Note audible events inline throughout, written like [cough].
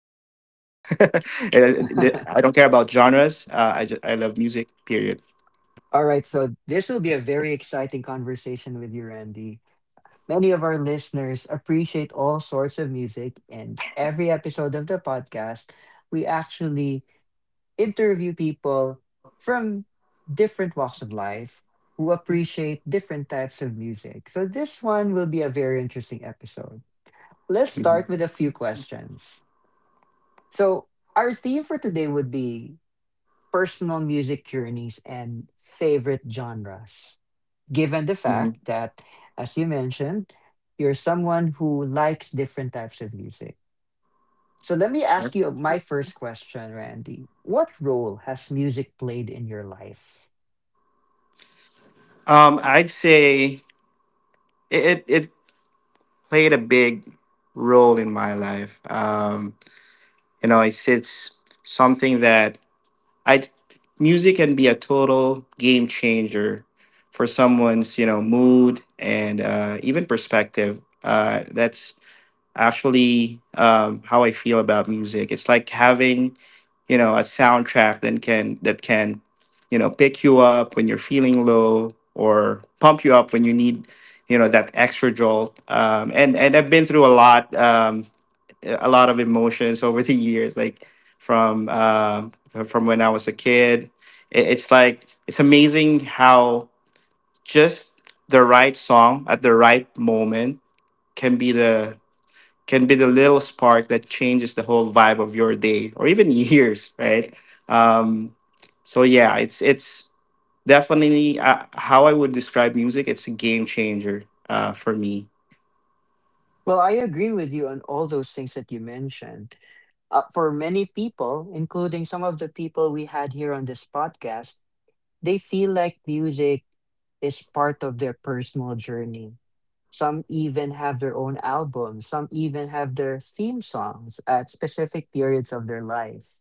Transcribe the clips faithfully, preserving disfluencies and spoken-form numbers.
don't care about genres. Uh, I just I love music. Period. All right, so this will be a very exciting conversation with you, Randy. Many of our listeners appreciate all sorts of music, and every episode of the podcast, we actually interview people from different walks of life who appreciate different types of music. So this one will be a very interesting episode. Let's start with a Mhm. few questions. So our theme for today would be personal music journeys and favorite genres. Given the fact Mhm. that, as you mentioned, you're someone who likes different types of music. So let me ask you my first question, Randy. What role has music played in your life? Um, I'd say it. It, it played a big role in my life. Um, you know, it's it's something that I music can be a total game changer for someone's you know mood and uh, even perspective. Uh, that's actually um, how I feel about music. It's like having you know a soundtrack that can that can you know pick you up when you're feeling low or pump you up when you need you know that extra jolt. Um, and and I've been through a lot um, a lot of emotions [laughs] over the years, like from um from when I was a kid. It, it's like it's amazing how just the right song at the right moment can be the can be the little spark that changes the whole vibe of your day or even [laughs] years, right? Um, so yeah, it's it's definitely uh, how I would describe music. It's a game changer uh, for me. Well, I agree with you on all those things that you mentioned. Uh, for many people, including some of the people we had here on this podcast, they feel like music is part of their personal journey. Some even have their own albums, some even have their theme songs at specific periods of their life.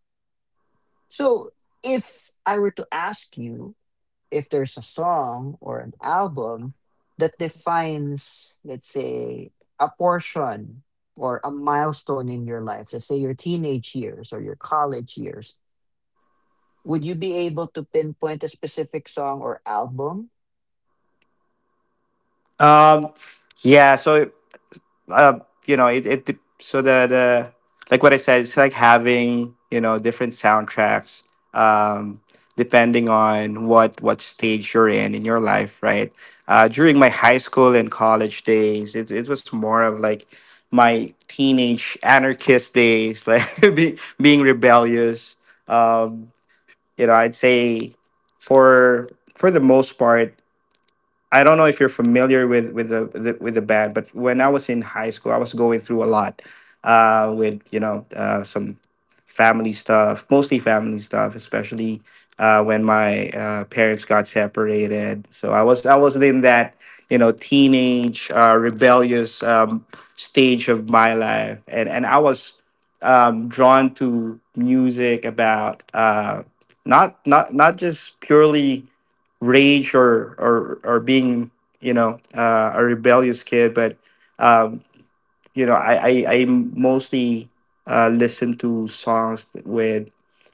So, if I were to ask you, if there's a song or an album that defines, let's say, a portion or a milestone in your life, let's say your teenage years or your college years, would you be able to pinpoint a specific song or album? Um, yeah, so uh, you know, it, it dep- so the the like what I said, it's like having you know different soundtracks, um, depending on what what stage you're in in your life, right? Uh, during my high school and college days, it it was more of like my teenage anarchist days, [laughs] like be, being rebellious. Um, you know, I'd say for for the most part. I don't know if you're familiar with with the, the with the band, but when I was in high school, I was going through a lot uh, with you know uh, some family stuff, mostly family stuff, especially uh, when my uh, parents got separated. So I was I was in that you know teenage uh, rebellious um, stage of my life, and and I was um, drawn to music about uh, not not not just purely rage or or or being you know uh, a rebellious kid but um, you know, I I, I mostly uh, listen to songs with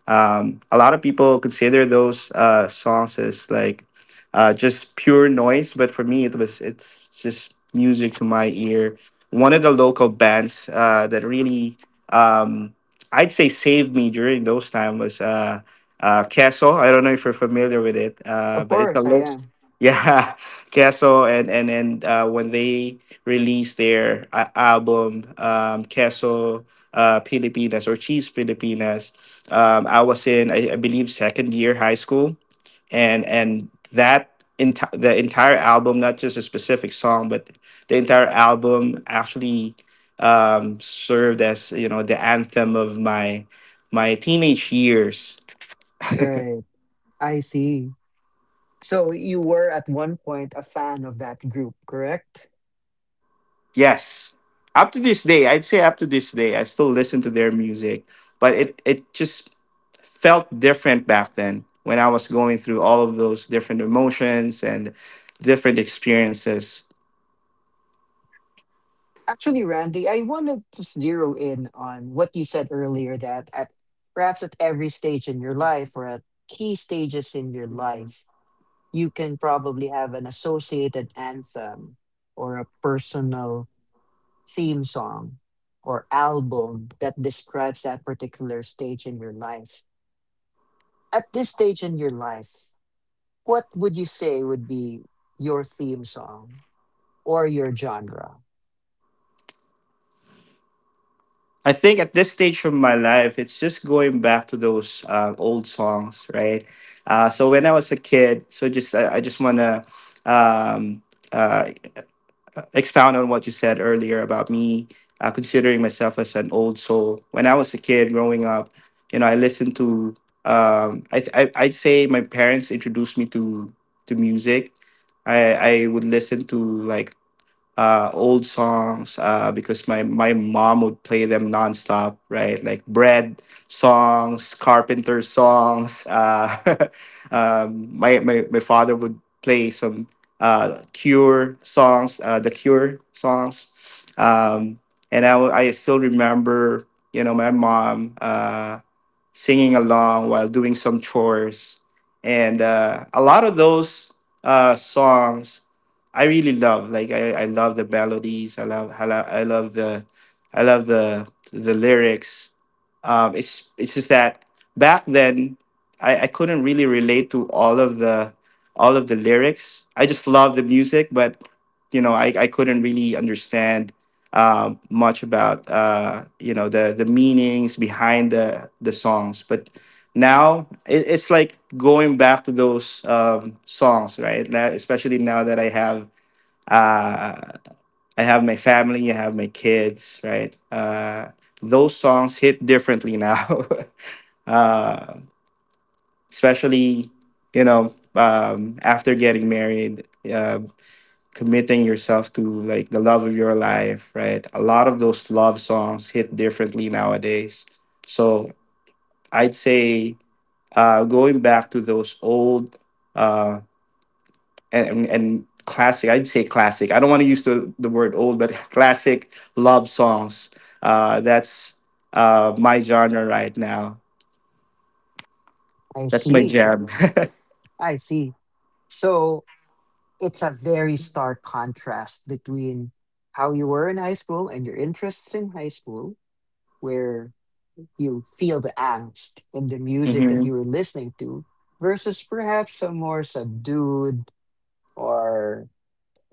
um, a lot of people consider those uh, songs as like uh, just pure noise, but for me it was it's just music to my ear. One of the local bands uh, that really um, I'd say saved me during those time was uh, uh, Castle. I don't know if you're familiar with it, uh, Of but it's a course, I local. [laughs] am. Yeah, Keso and and and uh, when they released their uh, album um, Castle uh, Filipinas or Cheese Filipinas, um, I was in I, I believe second year high school, and and that enti- the entire album, not just a specific song, but the entire album actually um, served as you know the anthem of my my teenage years. Right. I see. So you were at one point a fan of that group, correct? Yes. Up to this day, I'd say up to this day, I still listen to their music, but it it just felt different back then when I was going through all of those different emotions and different experiences. Actually, Randy, I wanted to zero in on what you said earlier that at perhaps at every stage in your life or at key stages in your life, you can probably have an associated anthem or a personal theme song or album that describes that particular stage in your life. At this stage in your life, what would you say would be your theme song or your genre? I think at this stage of my life, it's just going back to those uh, old songs, right? Uh, so when I was a kid, so just I, I just wanna um, uh, uh, expound on what you said earlier about me uh, considering myself as an old soul. When I was a kid growing up, you know, I listened to. Um, I, th- I I'd say my parents introduced me to to music. I I would listen to like uh, old songs uh, because my, my mom would play them nonstop, right? Like bread songs, carpenter songs. Uh, [laughs] um, my, my, my father would play some uh, Cure songs, uh, the Cure songs. Um, and I, w- I still remember, you know, my mom. Uh, singing along while doing some chores. And uh, a lot of those uh, songs I really love. Like I, I love the melodies. I love I love, I love the I love the the lyrics. Um, it's it's just that back then I, I couldn't really relate to all of the all of the lyrics. I just loved the music, but you know I, I couldn't really understand um, much about uh, you know the the meanings behind the the songs, but now it, it's like going back to those um, songs, right? Now- especially now that I have uh, I have my family, I have my kids, right? Uh, those songs hit differently now, [laughs] uh, especially you know um, after getting married. Uh, committing yourself to like the love of your life, right? A lot of those love songs hit differently nowadays. So I'd say uh, going back to those old uh, and, and classic, I'd say classic. I don't want to use the, the word old, but [laughs] classic love songs. Uh, that's uh, my genre right now. I That's my see. jam. [laughs] I see. So, it's a very stark contrast between how you were in high school and your interests in high school, where you feel the angst in the music that you Hmm. were listening to, versus perhaps some more subdued or,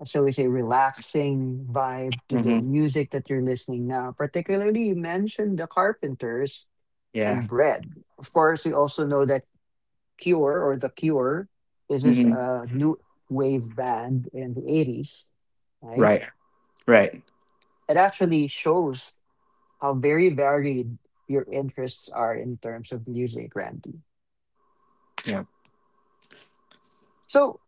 shall we say, relaxing vibe to the Hmm. music that you're listening now. Particularly, you mentioned the Carpenters Yeah. and Bread. Of course, we also know that Cure or The Cure. This is Hmm. a new wave band in the eighties, right? Right. Right. It actually shows how very varied your interests are in terms of music, Randy. Yeah. So,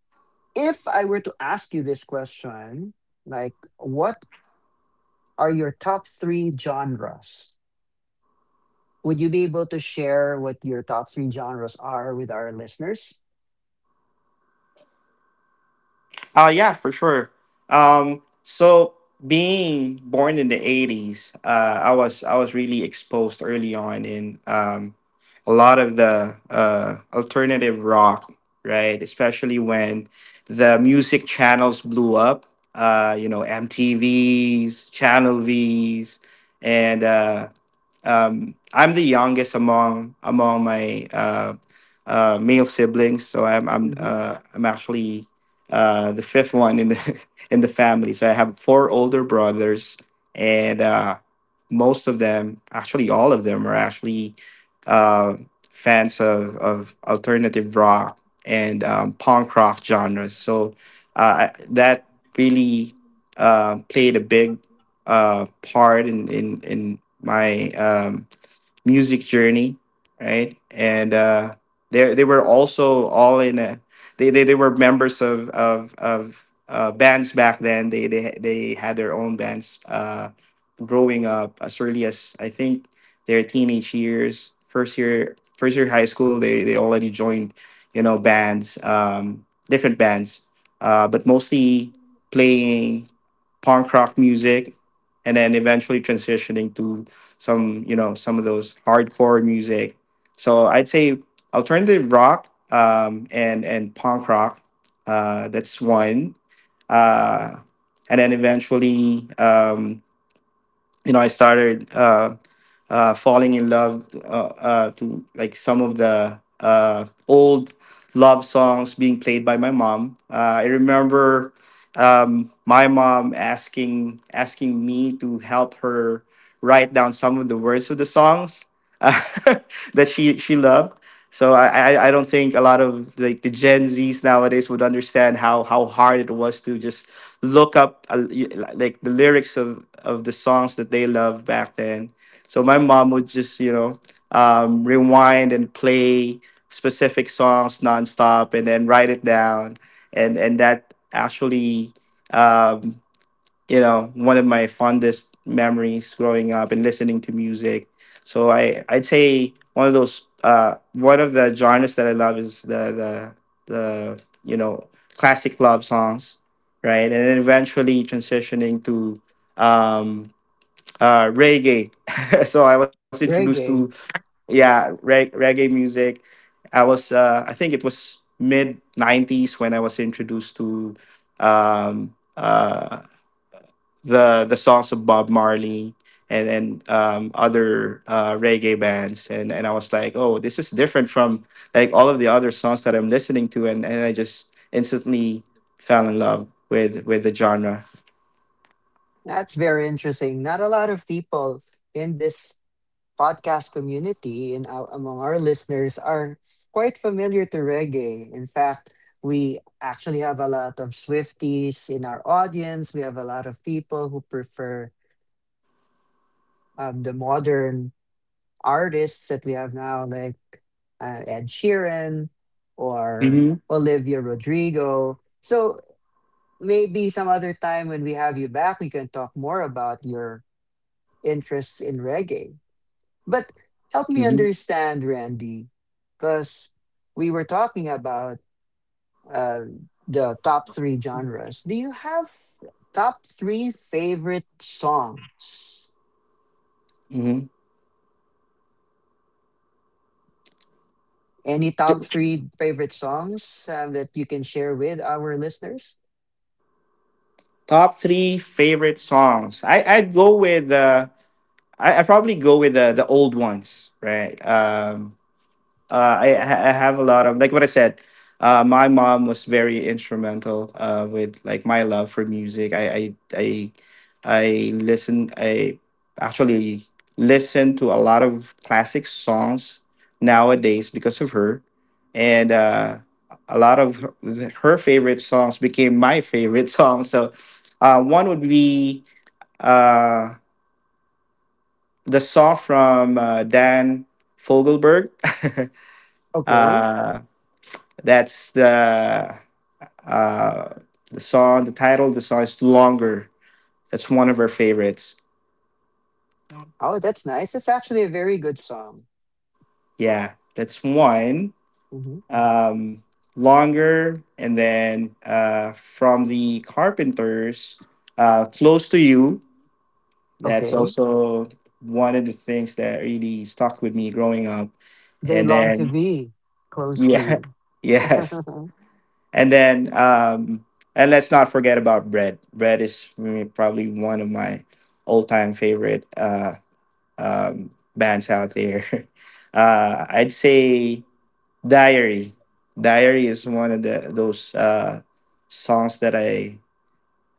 if I were to ask you this question, like, what are your top three genres? Would you be able to share what your top three genres are with our listeners? Uh, yeah, for sure. Um, so being born in the eighties, uh, I was I was really exposed early on in um, a lot of the uh, alternative rock, right? Especially when the music channels blew up. Uh, you know, M T Vs, Channel Vs, and uh, um, I'm the youngest among among my uh, uh, male siblings, so I'm I'm Hmm. uh, I'm actually uh, the fifth one in the [laughs] in the family. So I have four older brothers, and uh, most of them, actually all of them, are actually uh, fans of of alternative rock and um, punk rock genres. So uh, I- that really uh, played a big uh, part in in in my um, music journey, right? And uh, they they were also all in a they they, they were members of of of uh, bands back then. They they they had their own bands. Uh, growing up as early as I think their teenage years, first year, first year high school, they they already joined, you know, bands, um, different bands, uh, but mostly playing punk rock music, and then eventually transitioning to some, you know, some of those hardcore music. So I'd say alternative rock um, and and punk rock. Uh, that's one. Uh, and then eventually, um, you know, I started. Uh, uh, falling in love uh, uh, to like some of the uh, old love songs being played by my mom. Uh, I remember um, my mom asking asking me to help her write down some of the words of the songs [laughs] that she she loved. So I, I I don't think a lot of like the Gen Zs nowadays would understand how how hard it was to just look up uh, y- like the lyrics of of the songs that they loved back then. So my mom would just, you know, um, rewind and play specific songs nonstop, and then write it down, and and that actually, um, you know, one of my fondest memories growing up and listening to music. So I I'd say one of those uh, one of the genres that I love is the the the you know classic love songs, right? And then eventually transitioning to um, uh, reggae. [laughs] So I was introduced to Reggae. yeah reg- reggae music. I was uh, I think it was mid nineties when I was introduced to um, uh, the the songs of Bob Marley and and um, other uh, reggae bands, and and I was like, oh, this is different from like all of the other songs that I'm listening to, and and I just instantly fell in love with with the genre. That's very interesting. Not a lot of people in this podcast community and ou- among our listeners are quite familiar to reggae. In fact, we actually have a lot of Swifties in our audience. We have a lot of people who prefer um, the modern artists that we have now, like uh, Ed Sheeran or Hmm. Olivia Rodrigo. So maybe some other time when we have you back, we can talk more about your interests in reggae. But help me Hmm. understand, Randy, because we were talking about uh, the top three genres. Do you have top three favorite songs? Hmm. Any top three favorite songs um, that you can share with our listeners? Top three favorite songs. I I'd go with uh I I probably go with the the old ones, right? Um, uh, I, I have a lot of like what I said. Uh, my mom was very instrumental uh, with like my love for music. I I I, I listen. I actually listen to a lot of classic songs nowadays because of her, and uh, a lot of her, her favorite songs became my favorite [laughs] songs. So uh, one would be uh, the song from uh, Dan Fogelberg. [laughs] Okay. uh, that's the uh, the song. The title of the song is "Longer." That's one of our favorites. Oh, that's nice. That's actually a very good song. Yeah, that's one. Hmm. Um, "Longer," and then uh, from the Carpenters, uh, "Close to You." That's Okay. also one of the things that really stuck with me growing up. They And long to then be close to yeah, you. [laughs] yes, and then, um, and let's not forget about bread. Bread is mm, probably one of my all-time favorite uh, um, bands out there. [laughs] Uh, I'd say Diary. Diary is one of the those uh, songs that I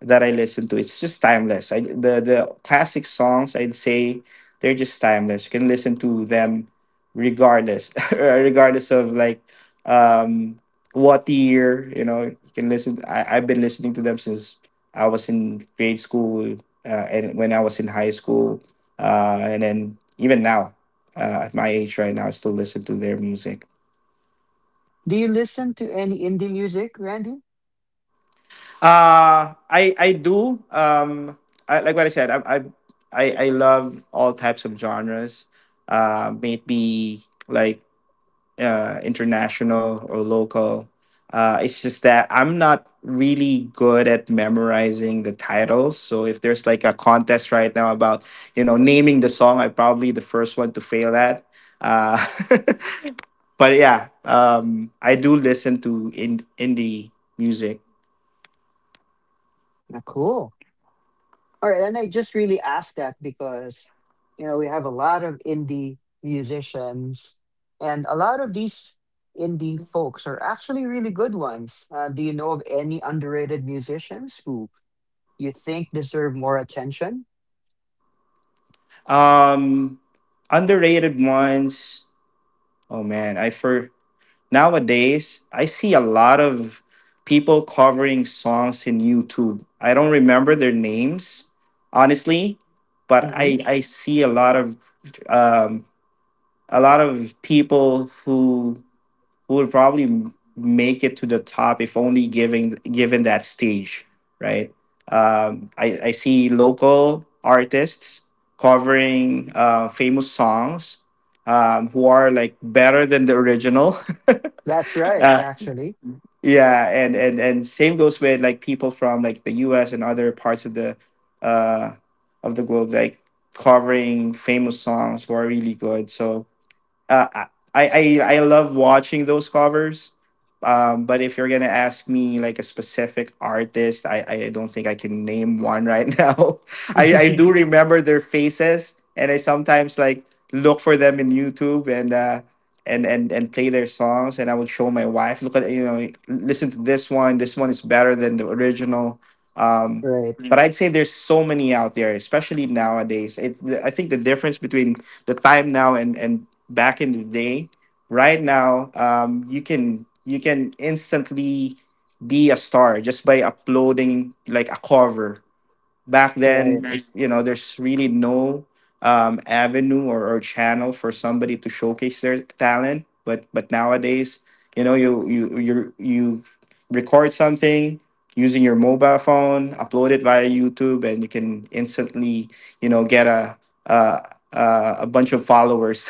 that I listen to. It's just timeless. I the the classic songs I'd say they're just timeless. You can listen to them regardless, [laughs] regardless of like um what year. You know, you can listen. I I've been listening to them since I was in grade school, uh, and when I was in high school, uh, and then even now, uh, at my age right now, I still listen to their music. [laughs] Do you listen to any indie music, Randy? Uh I I do. Um, I, like what I said, I, I I I love all types of genres. Uh, may it be like uh international or local. Uh, it's just that I'm not really good at memorizing the titles. So if there's like a contest right now about, you know, naming the song, I'm probably the first one to fail at. Uh, [laughs] but yeah, um, I do listen to in indie music. Ah, cool. All right, and I just really ask that because you know we have a lot of indie musicians, and a lot of these indie folks are actually really good ones. Uh, do you know of any underrated musicians who you think deserve more attention? Um, Underrated ones. Oh man, I for nowadays I see a lot of people covering songs in YouTube. I don't remember their names honestly, but Hmm. I I see a lot of um a lot of people who who would probably m- make it to the top if only giving given that stage, right? Um, I, I see local artists covering uh, famous songs, um, who are like better than the original. That's [laughs] right, uh, actually. yeah, and, and and same goes with like people from like the U S and other parts of the uh, of the globe, like covering famous songs who are really good. So, uh, I, I I love watching those covers. Um, but if you're gonna ask me like a specific artist, I, I don't think I can name one right [laughs] now. I, I [laughs] do remember their faces, and I sometimes like look for them in YouTube and, uh, and and and play their songs, and I would show my wife, look at, you know, listen to this one. This one is better than the original. Um, Right, but I'd say there's so many out there, especially nowadays. It I think the difference between the time now and and back in the day. Right now, um, you can you can instantly be a star just by uploading like a cover. Back right. then, if, you know, there's really no, um, avenue or, or channel for somebody to showcase their talent. But but nowadays, you know, you you you you record something using your mobile phone, upload it via YouTube, and you can instantly, you know, get a a, a, a bunch of followers.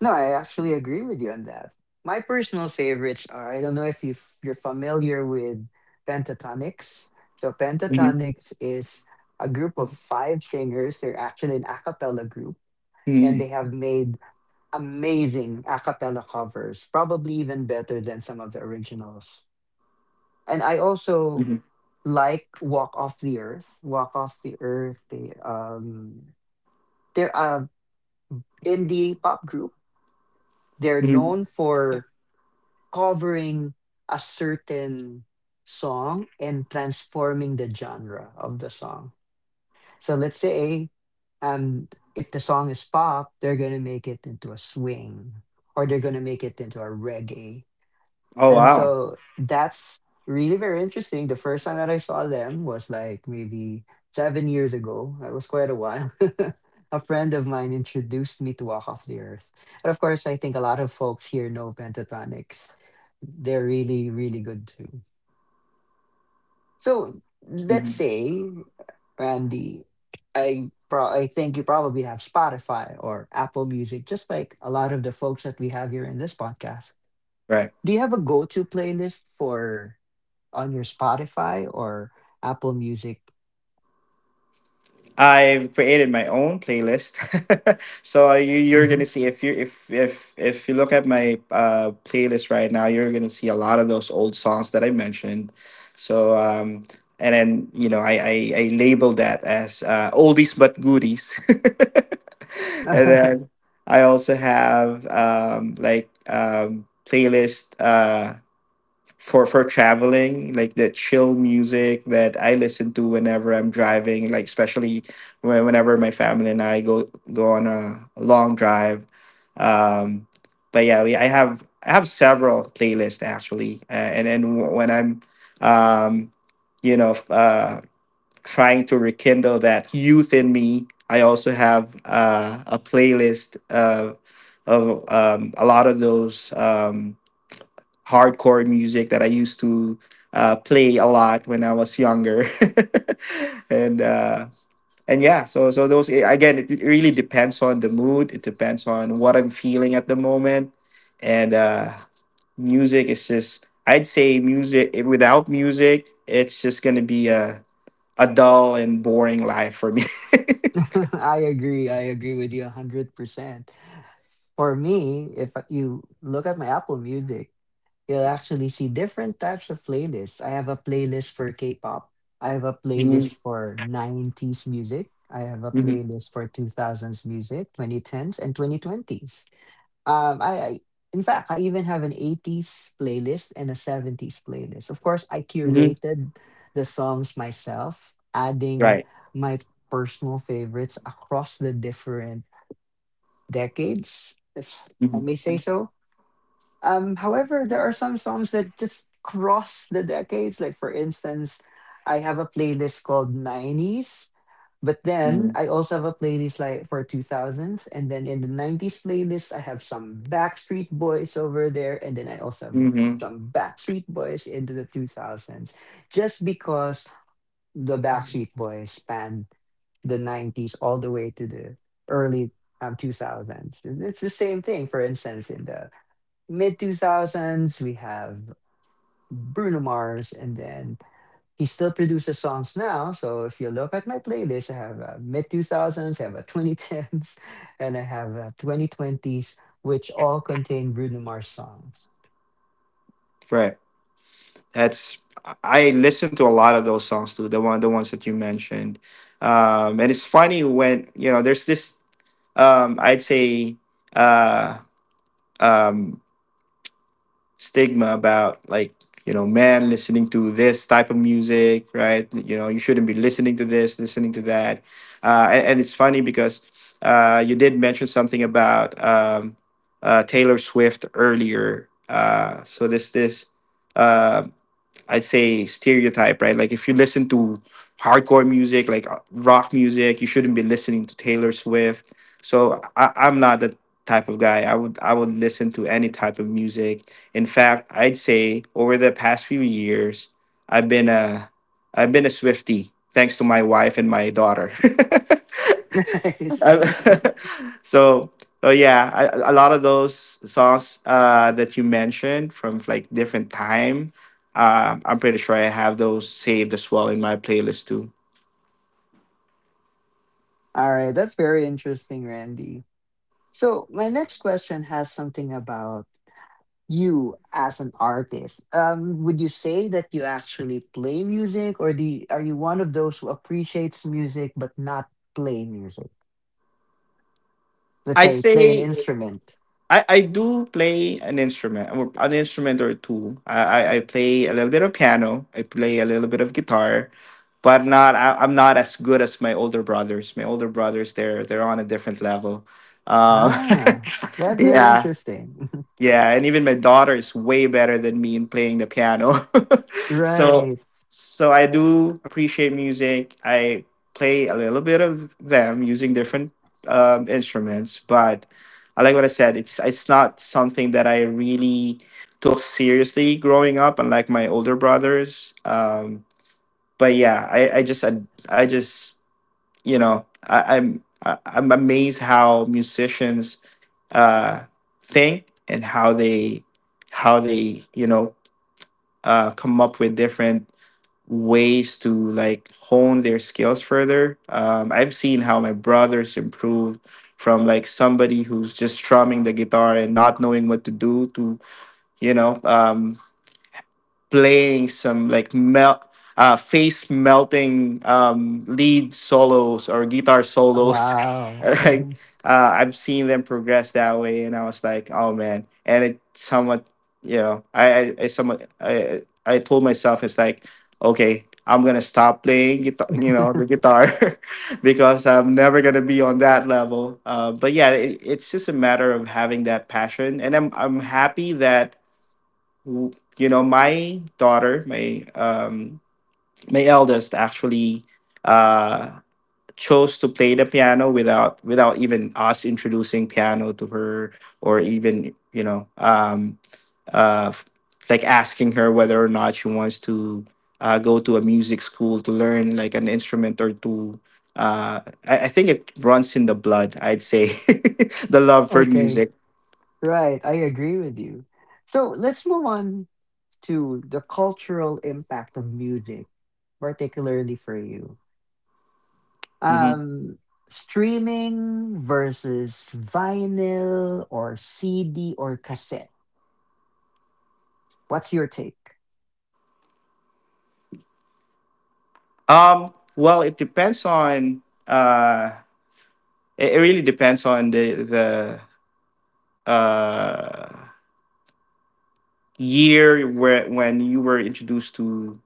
No, I actually agree with you on that. My personal favorites are I don't know if you you're familiar with pentatonics. So [laughs] pentatonics is a group of five singers. They're actually an a cappella group and they Mhm, have made amazing a cappella covers, probably even better than some of the originals. And I also mhm, like Walk Off the Earth. Walk Off the Earth, they um they're a indie pop group. They're mhm. known for covering a certain song and transforming the genre of the song. So let's say um if the song is pop, they're gonna make it into a swing or they're gonna make it into a reggae, Oh and wow! so that's really very interesting. The first time that I saw them was like maybe seven years ago. That was quite a while. [laughs] A friend of mine introduced me to Walk Off the Earth. And of course, I think a lot of folks here know Pentatonics. They're really, really good too. So let's Mhm. say, Randy, I, pro- I think you probably have Spotify or Apple Music, just like a lot of the folks that we have here in this podcast. Right. Do you have a go to playlist for on your Spotify or Apple Music? I've created my own playlist, [laughs] so uh, you, you're gonna Mhm. see if you if if if you look at my, uh, playlist right now, you're gonna see a lot of those old songs that I mentioned. So um, and then you know I I, I label that as, uh, oldies but goodies, [laughs] and then [laughs] I also have, um, like um, playlist. Uh, for for traveling like the chill music that I listen to whenever I'm driving, like, especially when, whenever my family and I go go on a, a long drive. Um, but yeah we, i have i have several playlists actually, uh, and then w- when I'm, um, you know, uh, trying to rekindle that youth in me, I also have, uh, a playlist, uh, of, um, a lot of those. Um, hardcore music that I used to, uh, play a lot when I was younger, [laughs] and, uh, and yeah, so so those, eh, again, it really depends on the mood. It depends on what I'm feeling at the moment, and, uh, music is just, I'd say music, eh, without music, it's just gonna be a a dull and boring life for me. [laughs] I agree. I agree with you one hundred percent. For me, if you look at my Apple Music, you'll actually see different types of playlists. I have a playlist for K pop, I have a Hmm, playlist for nineties music, I have a hmm, playlist for two thousands music, twenty tens, and twenty twenties. Um, I, I In fact, I even have an eighties playlist and a seventies playlist. Of course, I hmm. curated the songs myself, adding Right. my personal favorites across the different decades, if I Hmm, may say so. Um, however, there are some songs that just cross the decades. Like for instance, I have a playlist called nineties, but then hmm, I also have a playlist like for two thousands, and then in the nineties playlist, I have some Backstreet Boys over there, and then I also have hmm. some Backstreet Boys into the two thousands, just because the Backstreet Boys spanned the nineties all the way to the early um, two thousands. And it's the same thing, for instance, in the mid two thousands, we have Bruno Mars, and then he still produces songs now. So if you look at my playlist, I have uh, mid two thousands, I have a twenty tens, [laughs] and I have uh, twenty twenties, which all contain Bruno Mars songs. Right. That's I listen to a lot of those songs too. The one the ones that you mentioned, um, and it's funny when you know there's this, um, I'd say, uh, um, stigma about, like, you know, man listening to this type of music, right? You know, you shouldn't be listening to this, listening to that, uh, and, and it's funny because, uh, you did mention something about, um, uh, Taylor Swift earlier. Uh, so this this. Uh, I'd say stereotype, right? Like if you listen to hardcore music, like, uh, rock music, you shouldn't be listening to Taylor Swift. So I, I'm not that type of guy. I would I would listen to any type of music. In fact, I'd say over the past few years, I've been a I've been a Swiftie thanks to my wife and my daughter. [laughs] [laughs] Nice. [laughs] So so yeah I, a lot of those songs uh that you mentioned from like different time, um, I'm pretty sure I have those saved as well in my playlist too. All right. That's very interesting, Randy. So my next question has something about you as an artist. Um, would you say that you actually play music, or do you, are you one of those who appreciates music but not play music? Let's I'd say play an say instrument. i i do play an instrument or an instrument or two. i i, I play a little bit of piano. I play a little bit of guitar, but not, I, I'm not as good as my older brothers. My older brothers they're they're on a different level. Um, Ah, [laughs] that's very yeah. interesting. [laughs] Yeah, and even my daughter is way better than me in playing the piano. [laughs] So Right. so I do appreciate music. I play a little bit of them using different, um, instruments, but I like what I said. It's it's not something that I really took seriously growing up, unlike my older brothers. Um, but yeah, I I just I, I just, you know, I, I'm I, I'm amazed how musicians, uh, think and how they how they, you know, uh, come up with different ways to like hone their skills further. Um, I've seen how my brothers improved from, like, somebody who's just strumming the guitar and not knowing what to do to, you know, um, playing some like mel- uh, face melting, um, lead solos or guitar solos. [laughs] Wow. Like, Mhm. uh, I've seen them progress that way, and I was like, oh man. And it somewhat, you know, I I, I somewhat I I told myself it's like, okay, I'm gonna stop playing guitar, you know, the guitar, [laughs] because I'm never gonna be on that level. Uh, but yeah, it, it's just a matter of having that passion, and I'm I'm happy that, you know, my daughter my um, my eldest actually, uh chose to play the piano without without even us introducing piano to her, or even, you know, um uh f- like asking her whether or not she wants to, uh go to a music school to learn like an instrument or to, uh, i, I think it runs in the blood, I'd say. [laughs] The O- love for Okay. music. Right. I agree with you. So let's move on to the cultural impact of music, particularly for you. Hmm. Um, Streaming versus vinyl or C D or cassette. What's your take? Um, well it depends on, uh, It, it really depends on the the uh, year where when you were introduced to,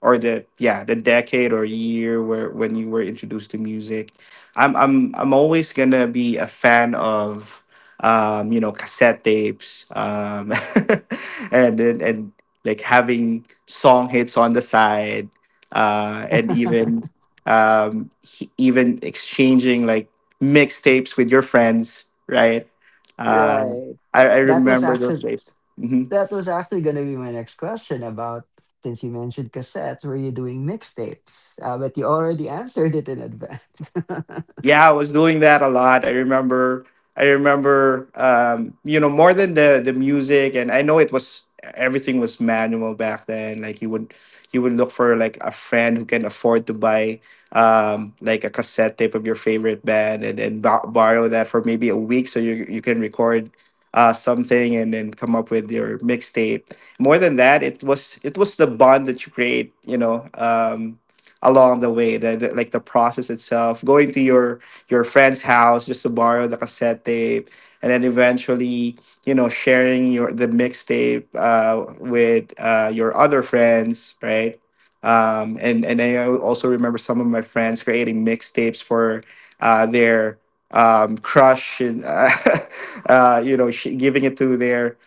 or the, yeah, the decade or year where when you were introduced to music. I'm i'm i'm always gonna be a fan of, um, you know, cassette tapes, um, [laughs] and and, and like having song hits on the side, uh, and even, [laughs] um he- even exchanging like mixtapes with your friends, right, uh, Right. i, I That was remember those actually days. Mm-hmm. That was actually going to be my next question about since you mentioned cassettes, were you doing mixtapes? Uh, but you already [laughs] answered it in advance. Yeah, I was doing that a lot. I remember, I remember, um, you know, more than the the music, and I know it was, everything was manual back then. Like you would, you would look for like a friend who can afford to buy, um, like a cassette tape of your favorite band, and then bo- borrow that for maybe a week so you you can record, uh, something and then come up with your mixtape. More than that, it was, it was the bond that you create, you know. Um, along the way the, the like the process itself going to your your friend's house just to borrow the cassette tape, and then eventually, you know, sharing your the mixtape, uh, with, uh, your other friends, right, um, and and I also remember some of my friends creating mixtapes for, uh, their, um, crush, and, uh, [laughs] uh, you know, sh- giving it to their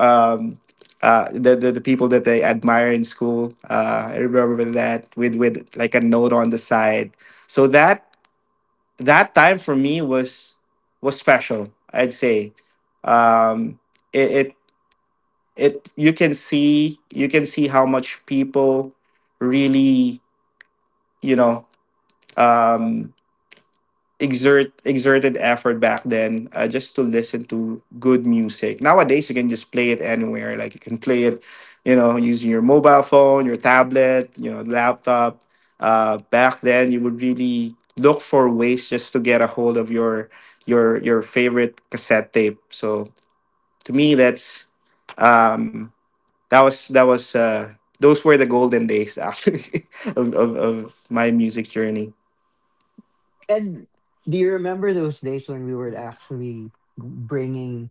um, uh, the, the the people that I admire in school. Uh, I remember that with with like a note on the side. So that that time for me was, was special. I'd say, um, it, it it you can see you can see how much people really, you know, um, exert exerted effort back then, uh, just to listen to good music. Nowadays, you can just play it anywhere. Like you can play it, you know, using your mobile phone, your tablet, you know, laptop. Uh, back then, you would really look for ways just to get a hold of your your your favorite cassette tape. So to me, that's, um, that was that was, uh, those were the golden days actually [laughs] of, of of my music journey. [laughs] And do you remember those days when we were actually bringing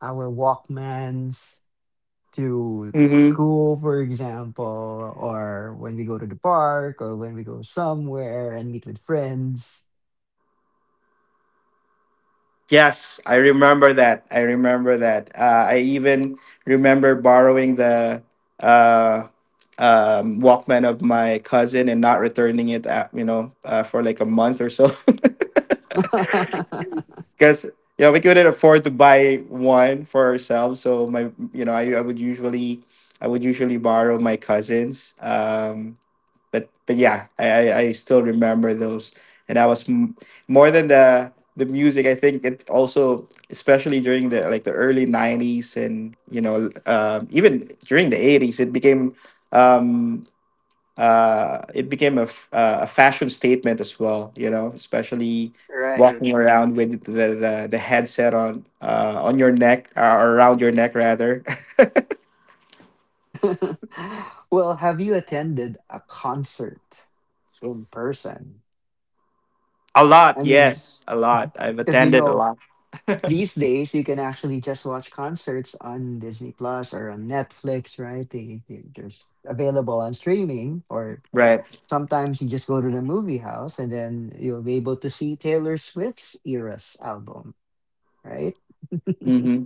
our Walkmans to school, for example, or when we go to the park or when we go somewhere and meet with friends? Yes, I remember that. I remember that. Uh, I even remember borrowing the uh, um, Walkman of my cousin and not returning it, at, you know, uh, for like a month or so, [laughs] [laughs] because you know we couldn't afford to buy one for ourselves. So my, you know, I, I would usually, I would usually borrow my cousins. Um, but but yeah, I, I I still remember those, and I was m- more than the the music. I think it also, especially during the like the early nineties, and you know, um, even during the eighties, it became um, uh, it became a, f- uh, a fashion statement as well. You know, especially walking Right. around with the the, the headset on uh, on your neck, or around your neck rather. [laughs] Well, have you attended a concert? In person. [laughs] A lot, I mean, yes, a lot. I've because you attended a know, lot. these days you can actually just watch concerts on Disney Plus or on Netflix, right? They, they they're s- available on streaming, or Right. sometimes you just go to the movie house and then you'll be able to see Taylor Swift's Eras album, right? [laughs] Mm-hmm.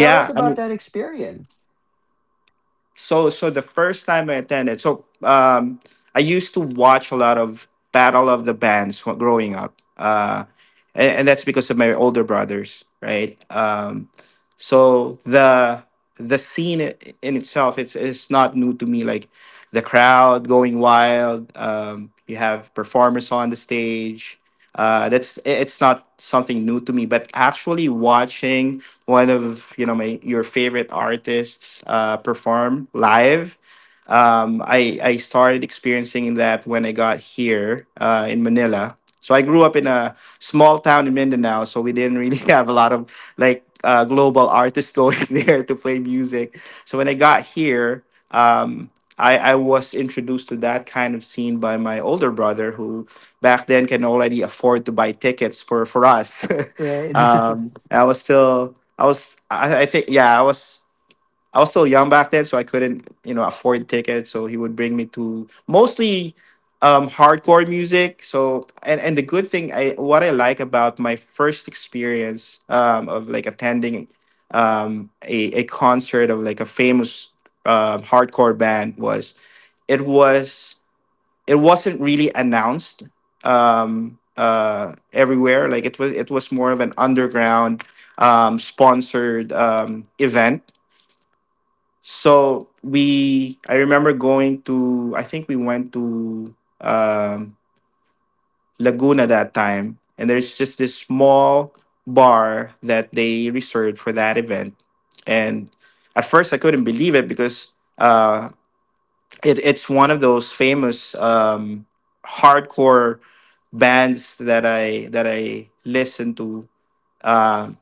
Tell us I about mean. that experience. so so the first time I attended, so um, I used to watch a lot of Battle of the Bands wh- growing up, uh, and, and that's because of my older brothers, right? Um, so the the scene i- in itself, it's it's not new to me. Like the crowd going wild, um, you have performers on the stage. Uh, that's i- it's not something new to me, but actually watching one of you know my your favorite artists uh, perform live. Um, I I started experiencing that when I got here uh, in Manila. So I grew up in a small town in Mindanao, so we didn't really [laughs] have a lot of like uh, global artists going [laughs] there to play music. So when I got here, um, I, I was introduced to that kind of scene by my older brother, who back then can already afford to buy tickets for for us. [laughs] Right. um, I was still I was, I, I think, yeah, I was, I was still young back then, so I couldn't, you know, afford tickets. So he would bring me to mostly um, hardcore music. So, and and the good thing, I what I like about my first experience um, of like attending um, a a concert of like a famous um hardcore band was it was it wasn't really announced um, uh, everywhere. Like it was, it was more of an underground um, sponsored um, event. So we, I remember going to, I think we went to um, Laguna that time, and there's just this small bar that they reserved for that event. And at first, I couldn't believe it because uh, it, it's one of those famous um, hardcore bands that I that I listened to uh,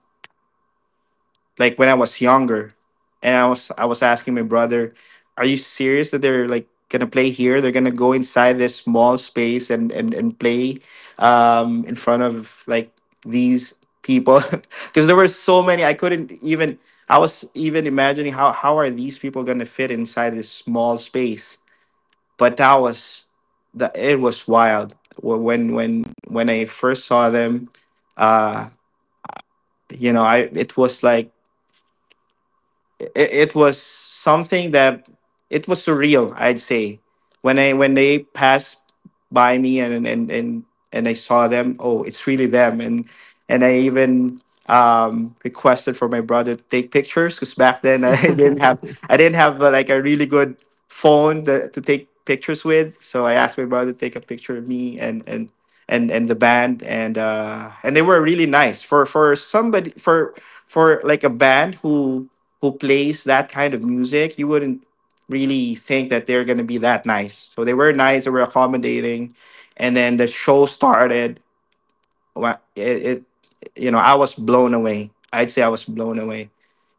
like when I was younger, and I was I was asking my brother, "Are you serious that they're like gonna play here? They're gonna go inside this small space and and and play um, in front of like these people?" [laughs] Because there were so many, I couldn't even. I was even imagining how how are these people gonna fit inside this small space, but that was the it was wild. Wh- when when when I first saw them uh you know I it was like it, it was something that it was surreal, I'd say. When I when they passed by me and and and, and I saw them, oh, it's really them. and and I even um requested for my brother to take pictures because back then I [laughs] didn't have [laughs] I didn't have uh, like a really good phone that, to take pictures with, so I asked my brother to take a picture of me and and and and the band, and uh and they were really nice. For for somebody, for for like a band who who plays that kind of music, you wouldn't really think that they're going to be that nice. So they were nice, they were accommodating, and then the show started. Wa- It, it, you know, I was blown away. I'd say I was blown away.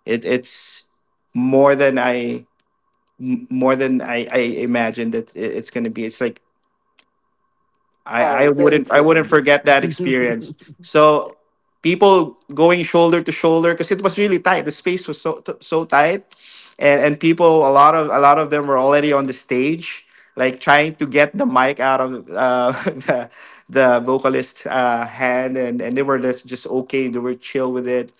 It, it's more than I m- more than I, I imagined that it, it's going to be. It's like I, All I right, wouldn't thanks, I wouldn't Randy. forget that [laughs] experience. So people going shoulder to shoulder because it was really tight. The space was so t- so tight, and and people, a lot of a lot of them were already on the stage, like trying to get the mic out of uh, [laughs] the the vocalist uh, hand, and and they were just just okay. They were chill with it.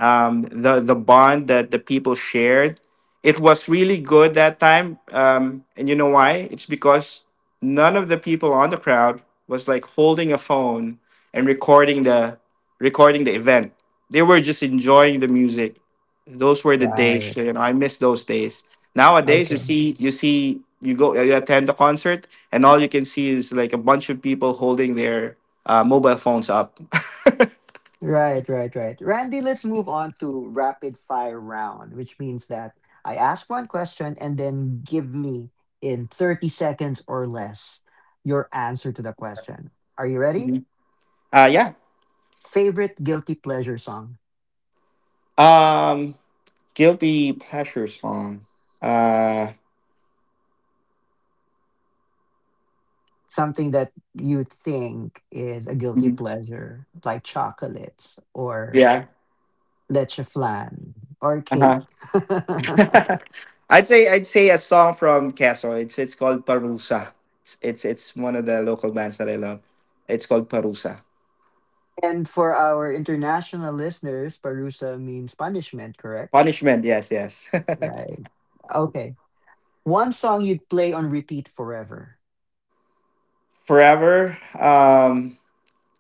Um, the the bond that the people shared, it was really good that time. Um, and you know why? It's because none of the people on the crowd was like holding a phone and recording the recording the event. They were just enjoying the music. Those were the days, Right. you know. I miss those days. Nowadays, you Okay. see, you see, you go, you attend the concert, and all you can see is like a bunch of people holding their uh, mobile phones up. Right, right, right. Randy, let's move on to rapid fire round, which means that I ask one question and then give me in thirty seconds or less your answer to the question. Are you ready? Mhm. [laughs] Uh, yeah. Favorite guilty pleasure song? Um, guilty pleasure songs. Uh, Something that you think is a guilty mhm, pleasure, like chocolates or yeah. leche flan or Uh-huh. cake. [laughs] [laughs] I'd say I'd say a song from Quezon. It's it's called Parusa. It's it's it's one of the local bands that I love. It's called Parusa. And for our international listeners, parusa means punishment, correct? Punishment, yes, yes. Right. Okay. One song you'd play on repeat forever. [laughs] Forever. Um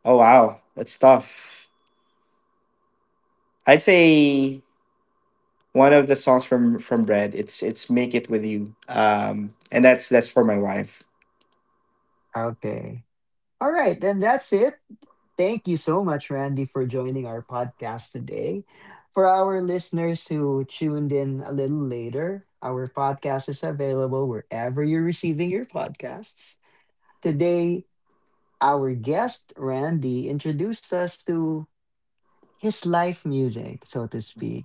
Oh wow, that's tough. I'd say one of the songs from from Bread. It's it's Make It With You. Um and that's that's for my wife. Okay. All right. Then that's it. Thank you so much, Randy, for joining our podcast today. For our listeners who tuned in a little later, our podcast is available wherever you're receiving your podcasts. Today, our guest, Randy, introduced us to his life music, so to speak.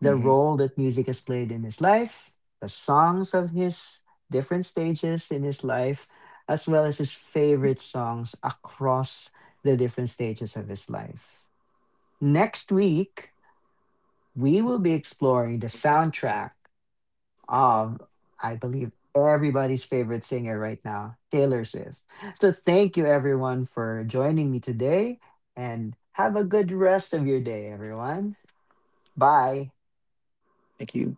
The Hmm. role that music has played in his life, the songs of his different stages in his life, as well as his favorite songs across the different stages of his life. Next week, we will be exploring the soundtrack of, I believe, everybody's favorite singer right now, Taylor Swift. So thank you, everyone, for joining me today, and have a good rest of your day, everyone. Bye. Thank you.